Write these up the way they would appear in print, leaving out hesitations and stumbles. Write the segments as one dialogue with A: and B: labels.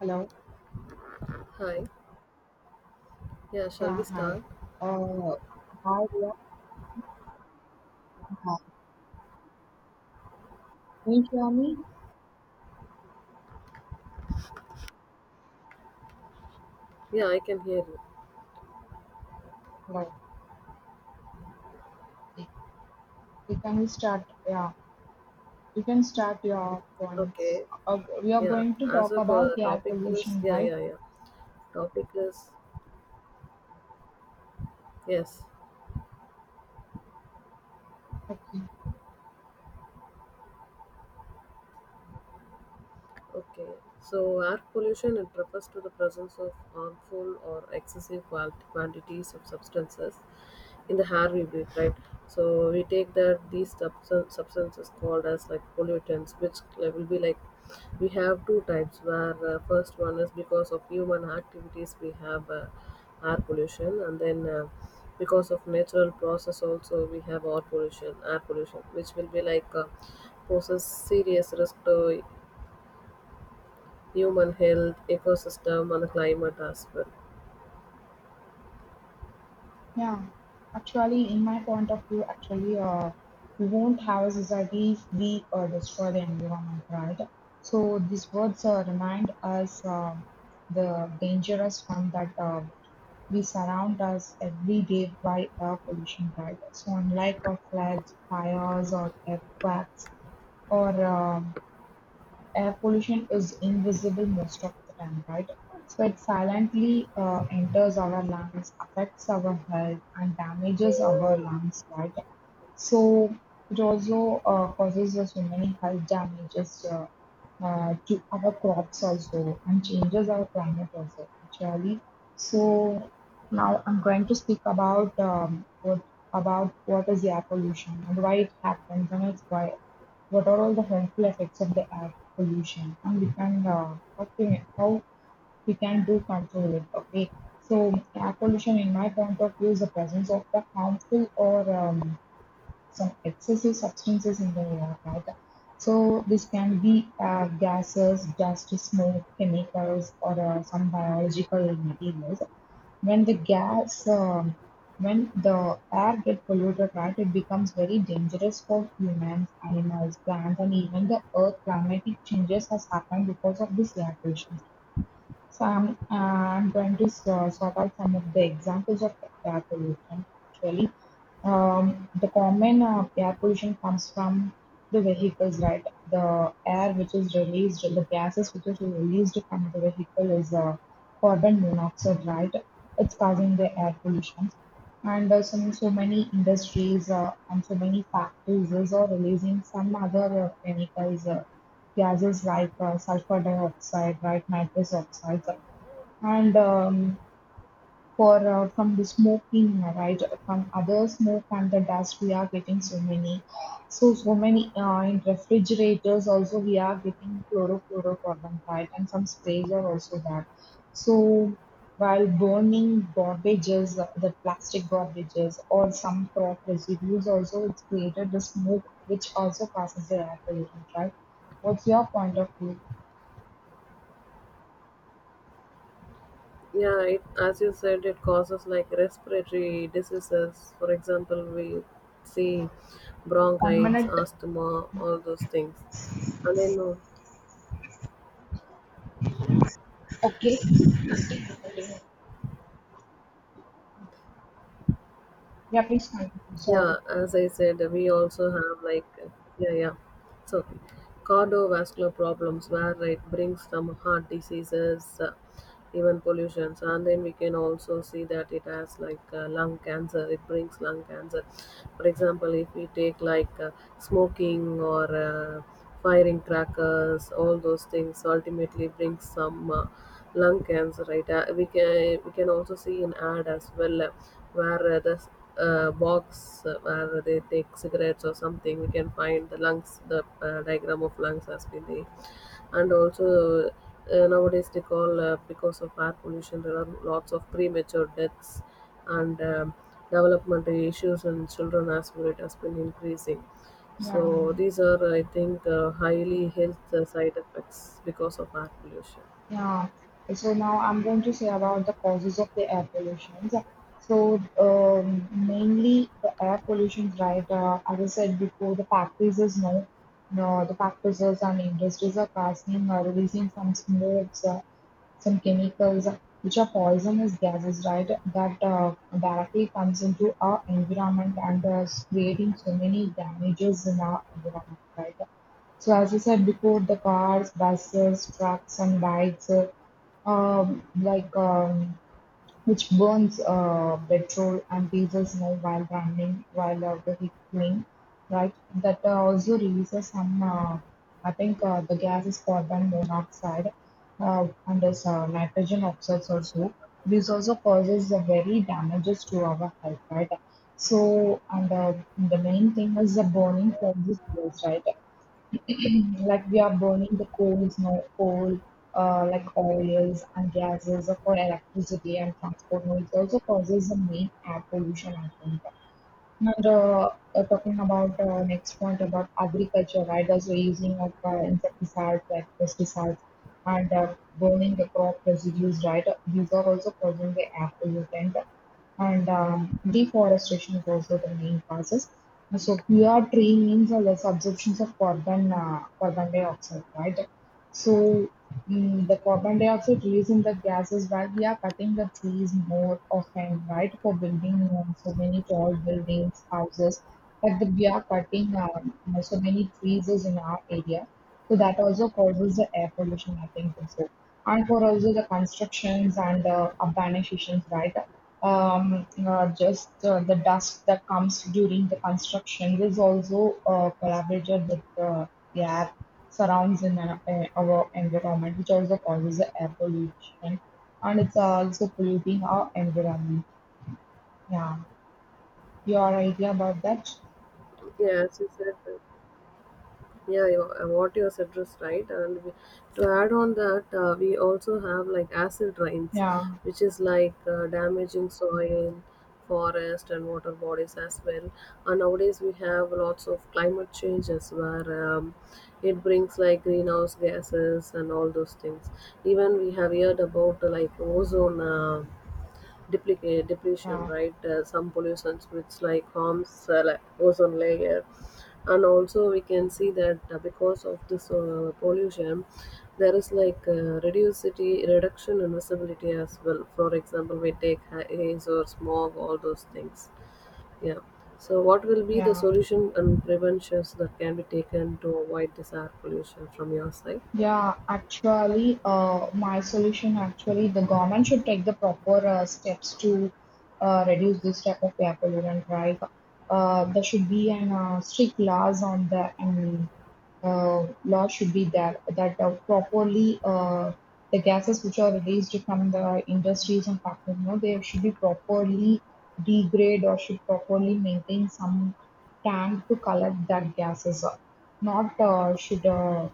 A: Hello.
B: Hi. Yeah, shall
A: Yeah,
B: we
A: hi.
B: start?
A: Uh, hi, yeah, Hi. Can you hear me?
B: Yeah, I can hear you.
A: Hello. Okay. You can start. Yeah, you can start your points.
B: Okay.
A: We are
B: Yeah.
A: going to
B: As
A: talk
B: of
A: about the air
B: topic is
A: pollution,
B: yeah,
A: right?
B: yeah, yeah. Topic is yes.
A: Okay.
B: Okay, so air pollution it refers to the presence of harmful or excessive quantities of substances in the air we breathe, right? So we take that these substances called as like pollutants, which will be like we have two types. Where first one is because of human activities we have air pollution, and then because of natural process also we have air pollution, which will be like poses serious risk to human health, ecosystem, and climate as well.
A: Yeah. In my point of view, we won't have a society if we destroy the environment, right? So these words remind us the dangerous one that We surround us every day by air pollution, right? So unlike of floods, fires, or earthquakes, or air pollution is invisible most of the time, right? So it silently enters our lungs, affects our health, and damages our lungs, right? So it also causes so many health damages to our crops also, and changes our climate also actually. So now I'm going to speak about what is air pollution and why it happens, and it's why what are all the harmful effects of the air pollution, and we can how we can do control it. Okay, so air pollution, in my point of view, is the presence of the harmful or some excessive substances in the air, right? So this can be gases, dust, smoke, chemicals, or some biological materials. When the gas, um, when the air gets polluted, right, it becomes very dangerous for humans, animals, plants, and even the earth. Climatic changes has happened because of this air pollution. So I'm going to sort out some of the examples of air pollution. Actually, the common air pollution comes from the vehicles, right? The air which is released, the gases which is released from the vehicle is carbon monoxide, right? It's causing the air pollution. And so, so many industries and so many factories is releasing some other chemicals, gases like sulfur dioxide, right, nitrous oxides, and for from the smoking, right, from other smoke and the dust we are getting so many, so many in refrigerators also we are getting chlorofluorocarbon, right, and some sprays are also that. So while burning garbages, the plastic garbages or some crop residues also, it's created the smoke which also causes the air pollution, right? What's your point of view?
B: Yeah, it, as you said, it causes like respiratory diseases. For example, we see
A: One
B: bronchitis,
A: minute.
B: asthma, all those things. And then
A: Okay, yeah, please continue,
B: yeah,
A: sorry.
B: as I said, we also have like, yeah, yeah. So, cardiovascular problems where it brings some heart diseases, even pollutions, and then we can also see that it has like lung cancer. It brings lung cancer. For example, if we take like smoking or firing crackers, all those things ultimately brings some lung cancer. Right? We can also see in ad as well. Where The box where they take cigarettes or something, we can find the lungs, the diagram of lungs has been there. And also nowadays they call, because of air pollution there are lots of premature deaths, and developmental issues in children as well it has been increasing.
A: Yeah,
B: So these are I think highly health side effects because of air pollution.
A: yeah. So now I'm going to say about the causes of the air pollution. So mainly the air pollution, right? As I said before, the factories is no, no, the factories and industries are casting or releasing some smokes, some chemicals which are poisonous gases, right? That directly comes into our environment and is creating so many damages in our environment, right? So as you said before, the cars, buses, trucks, and bikes, um, like um, which burns petrol and diesel now while running, while vehiculing, right? That also releases some, I think the gas is carbon monoxide and there's nitrogen oxides also. This also causes very damages to our health, right? So, and the main thing is the burning causes waste, right? Like we are burning the coals, no coal, like oils and gases for electricity and transport. No, it also causes the main air pollution, I think. And talking about next point about agriculture, right? Also using of insecticides like pesticides, and burning the crop residues, right? These are also causing the air pollutant. And deforestation is also the main causes. So, pure tree means a less absorption of carbon dioxide, right? So the carbon dioxide released in the gases while we are cutting the trees more often, right? For building so many tall buildings, houses, like we are cutting so many trees is in our area. So that also causes the air pollution, I think also. And for also the constructions and the urbanizations, right? Just The dust that comes during the construction is also collaborated with the air surrounds in our environment, which also causes the air pollution, and it's also polluting our environment. Yeah, your idea about that?
B: Yeah, as you said, yeah you, what you has addressed right and we, to add on that we also have like acid rains
A: Yeah,
B: which is like damaging soil, forest and water bodies as well. And nowadays we have lots of climate changes where it brings like greenhouse gases and all those things. Even we have heard about like ozone depletion,
A: yeah,
B: right? Some pollutions which like harms like ozone layer, and also we can see that because of this pollution, there is like reducity reduction in visibility as well. For example, we take haze or smog, all those things. Yeah. So, what will be the
A: yeah.
B: solution and preventions that can be taken to avoid this air pollution from your side?
A: Yeah, actually, my solution actually, the government should take the proper steps to reduce this type of air pollutant, right? There should be an strict laws on the, and law should be there that properly the gases which are released from the industries and factories, you know, they should be properly degrade, or should properly maintain some tank to collect that gases. Not should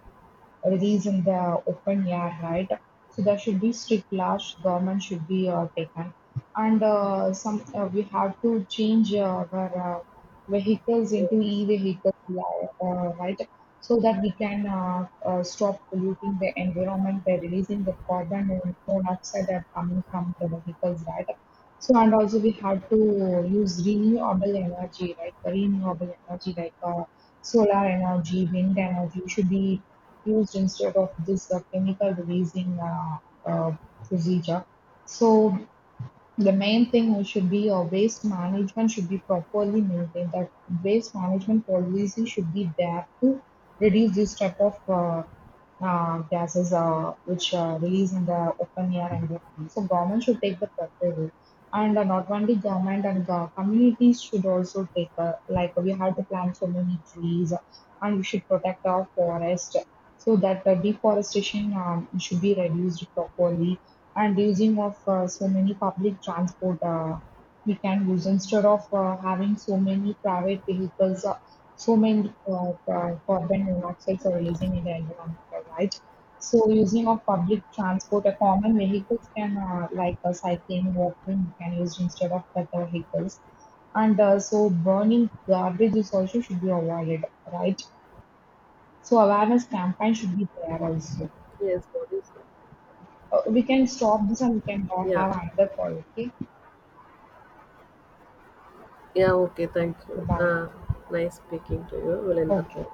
A: release in the open air, right? So there should be strict laws. Government should be taken, and some we have to change our vehicles into
B: Yes.
A: e-vehicles, right? So that we can stop polluting the environment by releasing the carbon and monoxide that are coming from the vehicles, right? So, and also we have to use renewable energy, right? Renewable energy like solar energy, wind energy should be used instead of this chemical releasing uh, procedure. So the main thing we should be, our waste management should be properly maintained. That waste management policy should be there to reduce this type of gases which release in the open air environment. So government should take the proper role, and not only government and communities should also take. Like we have to plant so many trees, and we should protect our forest so that deforestation should be reduced properly, and using of so many public transport we can use instead of having so many private vehicles. So many carbon monoxides are releasing in the environment, right? So using of public transport, a common vehicles can cycling, walking, we can use instead of other vehicles. And so burning garbage is also should be avoided, right? So awareness campaign should be there also.
B: Yes. What is? It?
A: We can stop this, and we can
B: Yeah.
A: have another call. Okay.
B: Yeah, okay, thank you.
A: Okay. Bye.
B: Nice speaking to you. We'll end the
A: Okay.
B: call.